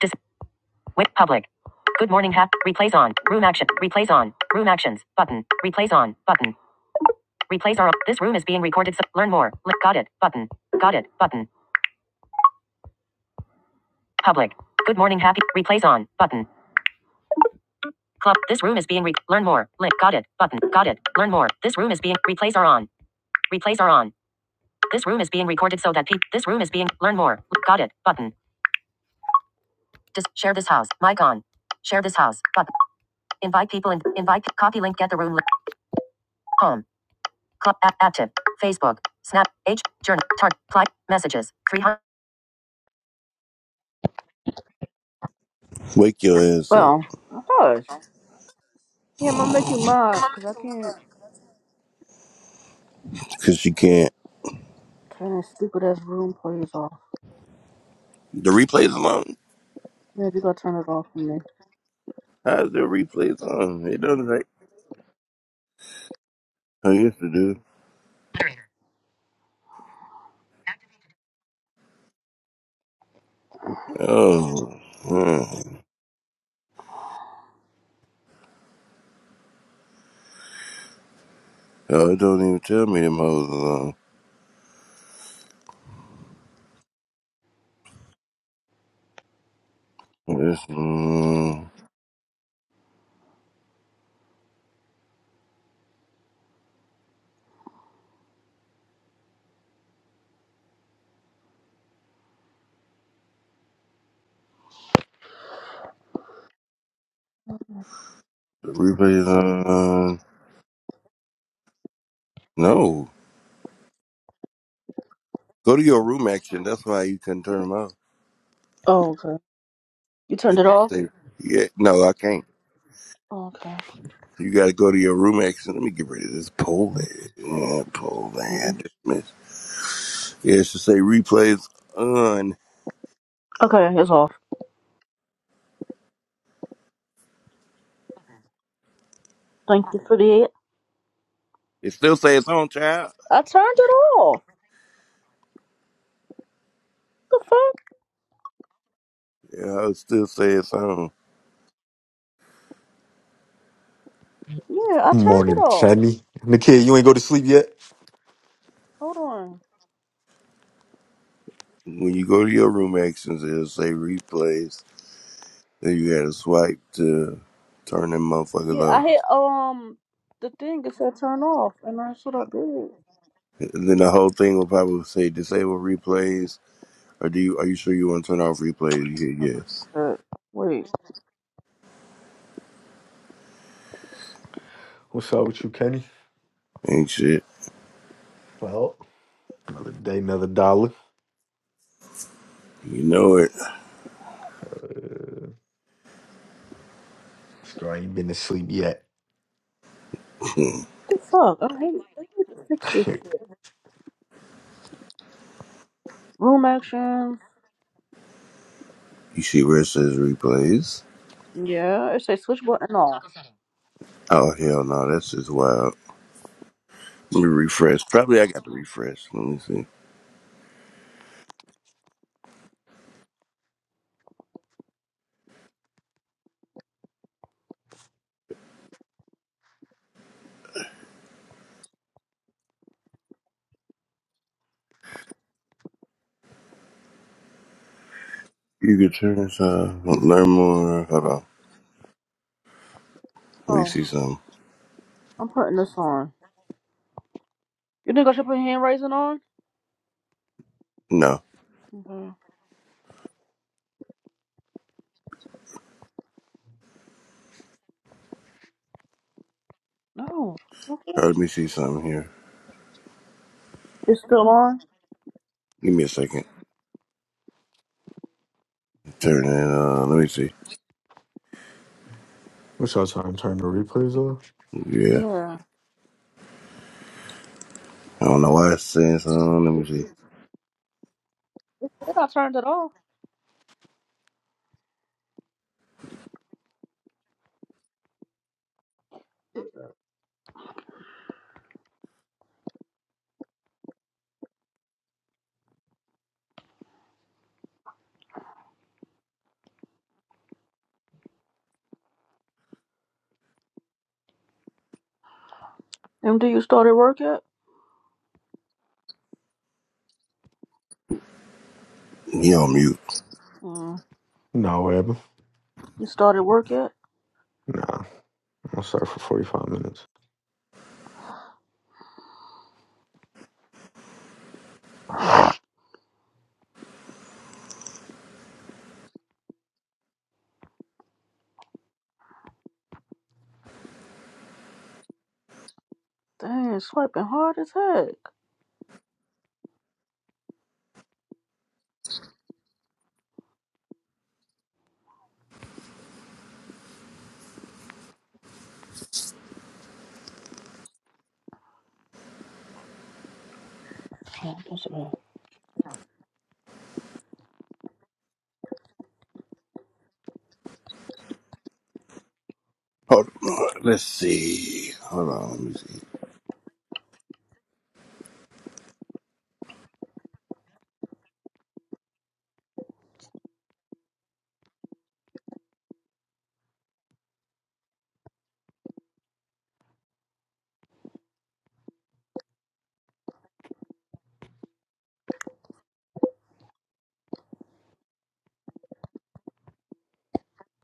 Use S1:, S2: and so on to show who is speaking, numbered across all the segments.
S1: Dis- wait, public. Good morning, hap. Replays on. Room action. Replays on. Room actions. Button. Replays on. Button. Replays are. on. This room is being recorded. So learn more. Li- got it. Button. Got it. Button. Public. Good morning, happy. Replays on. Button. Club. This room is being re- learn more. Link. Got it. Button. Got it. Learn more. This room is being replays are on. Replays are on. This room is being recorded so that people. This room is being learn more. Li- Got it. Button. Just Dis- share this house. Mic on. Share this house. Button. Invite people and invite. Copy link. Get the room. Li- home. Club app active. Facebook. Snap. H. Journal. Target. Apply. Messages. 300.
S2: Wake your ass up,
S1: Well, hush. Yeah, I'm gonna make you mad because I can't
S2: cause you can't.
S1: turn this stupid ass room plays off.
S2: The replay's on.
S1: Yeah, you gotta turn it off for me.
S2: How's the replays on? It doesn't like. I used to do. Oh, hmm. oh, it don't even tell me them hoes alone. It's, mm, the replay's on. No, go to your room action. That's why you couldn't turn them off.
S1: Oh, okay. You
S2: They
S1: turned it
S2: don't
S1: off?
S2: say- Yeah, no, I can't.
S1: Oh, okay.
S2: You got to go to your room action. Let me get rid of this poll. ad. Yeah, poll
S1: Mhm.
S2: ad. Dismiss. Yeah, it should say replays on.
S1: Okay, it's off. Thank you for the.
S2: It still says on, child.
S1: I turned it off. The fuck?
S2: Yeah, I'll still say it's on.
S1: Yeah, I turned it
S3: Morning,
S1: off.
S3: Kenny. Nikia, you ain't go to sleep yet?
S1: Hold on.
S2: When you go to your room actions, it'll say replays. Then you gotta swipe to turn them motherfuckers
S1: Yeah, I
S2: off.
S1: hit um the thing. It said turn off, and that's what I did.
S2: And then the whole thing will probably say disable replays. Or do you? Are you sure you want to turn off replays? You hit yes.
S1: Uh, wait.
S3: What's up with you, Kenny?
S2: Ain't shit.
S3: Well, another day, another dollar.
S2: You know it.
S3: Scar ain't been to sleep yet.
S2: you
S1: Hey, fuck. I hate I need to fix this shit. Room actions.
S2: see where it says replays?
S1: Yeah, it says switch button on.
S2: Oh hell no, that's just wild. Let me refresh. Probably I got to refresh. Let me see. You can turn this off. Learn more. Hold on. Let me
S1: Oh,
S2: see something.
S1: I'm putting this on. You think I should put hand raising on?
S2: No.
S1: Okay. No.
S2: Let me see something here.
S1: It's still on?
S2: Give me a second. Turn it on. Let me see.
S3: What's up, time? Turn the replays off?
S2: Yeah.
S1: Yeah.
S2: I don't know why it's saying something. Let me
S1: It said I turned it off. MD, you started work yet?
S2: see. He on mute.
S1: Mm.
S3: No, what happened?
S1: You started work yet?
S3: Nah, I'll start for 45 minutes.
S1: Dang, swiping hard as heck. Yeah. that's bad.
S2: Hold on. Let's see. Hold on. Let me see.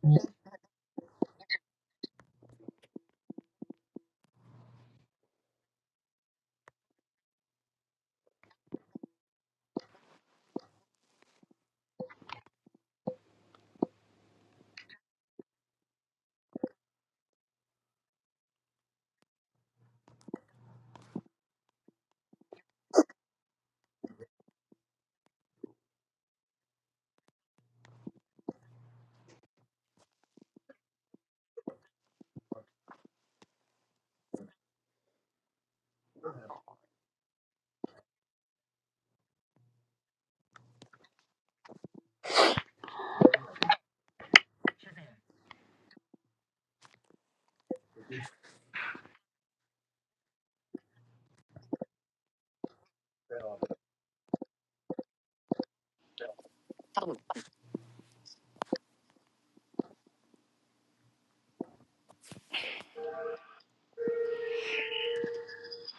S1: Not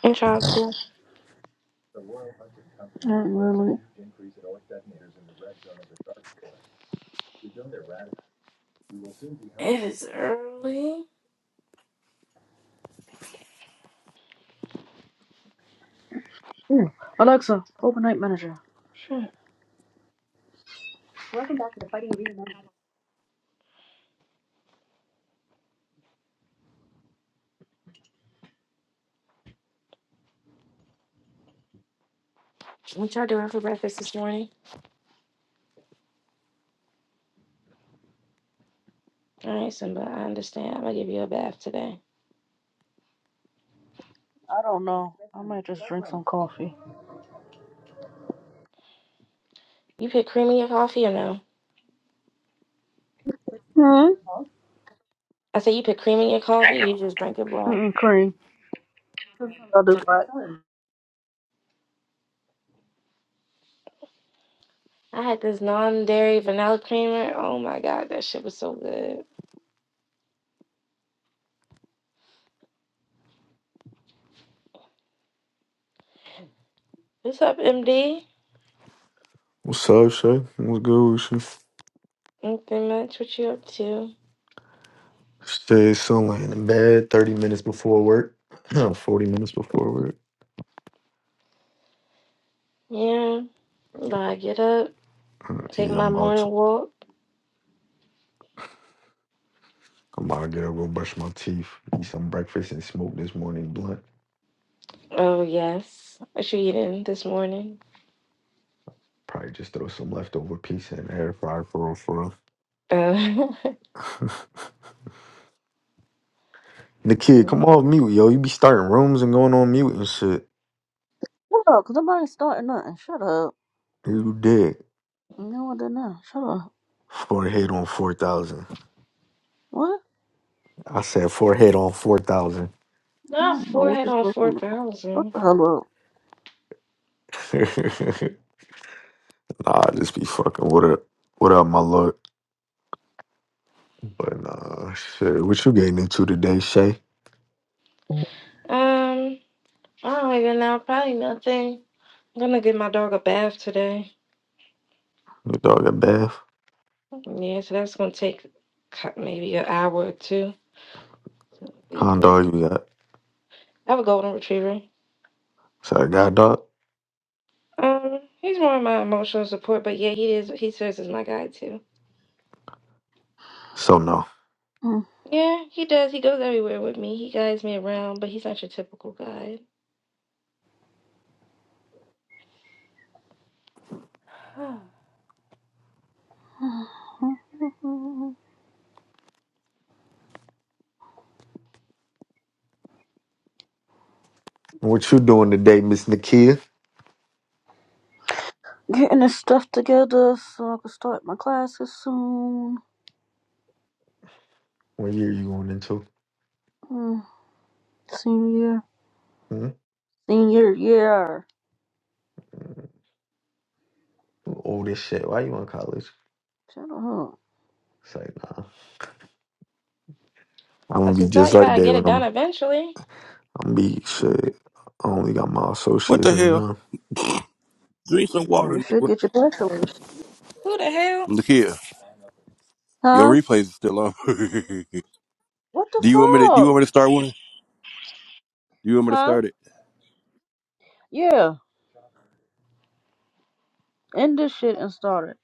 S4: What y'all up to?
S1: really.
S4: It is early.
S1: Alexa, open night manager.
S4: What y'all doing for breakfast this morning? All right, Simba, I understand. I'm gonna give you a bath today.
S1: I don't know. I might just drink some coffee.
S4: You put cream in your coffee or no?
S1: Hmm?
S4: I said you put cream in your coffee. Or you just drink it black.
S1: Mm-mm, cream. I'll do that.
S4: I had this non-dairy vanilla creamer. Oh my god, that shit was so good. What's up, MD?
S3: What's up, Shay? What's good with you?
S4: Nothing much. What you up to?
S3: Stay still laying in bed 30 minutes before work. 40 minutes before work.
S4: Yeah, I get up, take
S3: Yeah,
S4: my
S3: I'm about
S4: morning
S3: to.
S4: walk.
S3: I'm about to get up, go brush my teeth, eat some breakfast, and smoke this morning blunt.
S4: Oh yes, what you eating this morning?
S3: Probably just throw some leftover pizza in the air fryer for real, for
S4: Uh,
S3: real. The kid, come off mute, yo. You be starting rooms and going on mute and shit.
S1: Shut up, because I'm already starting nothing. Shut up.
S3: You did.
S1: No, I did not. Shut up.
S3: Forehead on 4,000.
S1: What?
S3: I said forehead on 4,000.
S1: I
S4: Not
S1: don't know
S4: four
S1: what
S4: head
S1: you're
S4: on four
S1: talking about. Shut
S4: thousand.
S1: the hell
S3: nah, I just be fucking. What up? What up, my lord? But nah, shit. What you getting into today, Shay?
S4: Um, I don't even know. Probably nothing. I'm gonna give my dog a bath today.
S3: Your dog a bath?
S4: Yeah, so that's gonna take co- maybe an hour or two. So it'll be a
S3: Con
S4: good.
S3: dog you got?
S4: I have a golden retriever.
S3: Sorry, God dog?
S4: Um, he's more of my emotional support, but yeah, he is. He serves as my guide too.
S3: So no.
S4: Yeah, he does. He goes everywhere with me. He guides me around, but he's not your typical guide.
S1: up.
S3: What you doing today, Miss Nakia?
S1: Getting this stuff together so I can start my classes soon.
S3: What year you going into?
S1: Mm, Senior year.
S3: Hmm?
S1: Senior year.
S3: You Old as shit. Why you in college?
S1: Shut up.
S3: It's like, nah. I'm gonna
S4: That's
S3: be
S4: what I thought.
S3: just
S4: You
S3: like
S4: gotta
S3: that
S4: get it
S3: when I'm
S4: done eventually.
S3: I'm beat. Shit. I only got my
S2: What the
S3: associates right
S2: hell?
S3: now.
S2: Drink some water,
S1: You should
S2: nigga.
S1: get your bachelor's.
S4: Who the hell?
S2: Look here. Your
S1: Huh?
S2: replays is still on.
S1: What the
S2: do you want me to? Do you
S1: fuck?
S2: want me to start one? Do you want me to
S1: Huh?
S2: start it?
S1: Yeah. End this shit and start it.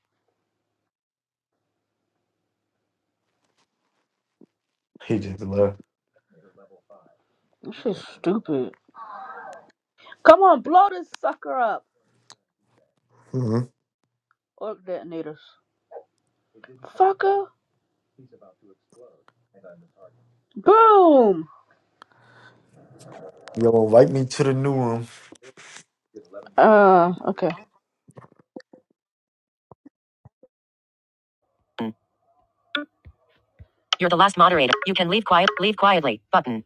S3: He just left.
S1: This shit's stupid. Come on, blow this sucker up.
S3: Mm-hmm.
S1: Or detonators. Fucker. Boom!
S3: Yo, invite me to the new room.
S1: Uh, okay. You're the last moderator. You can leave quiet. Leave quietly. Button.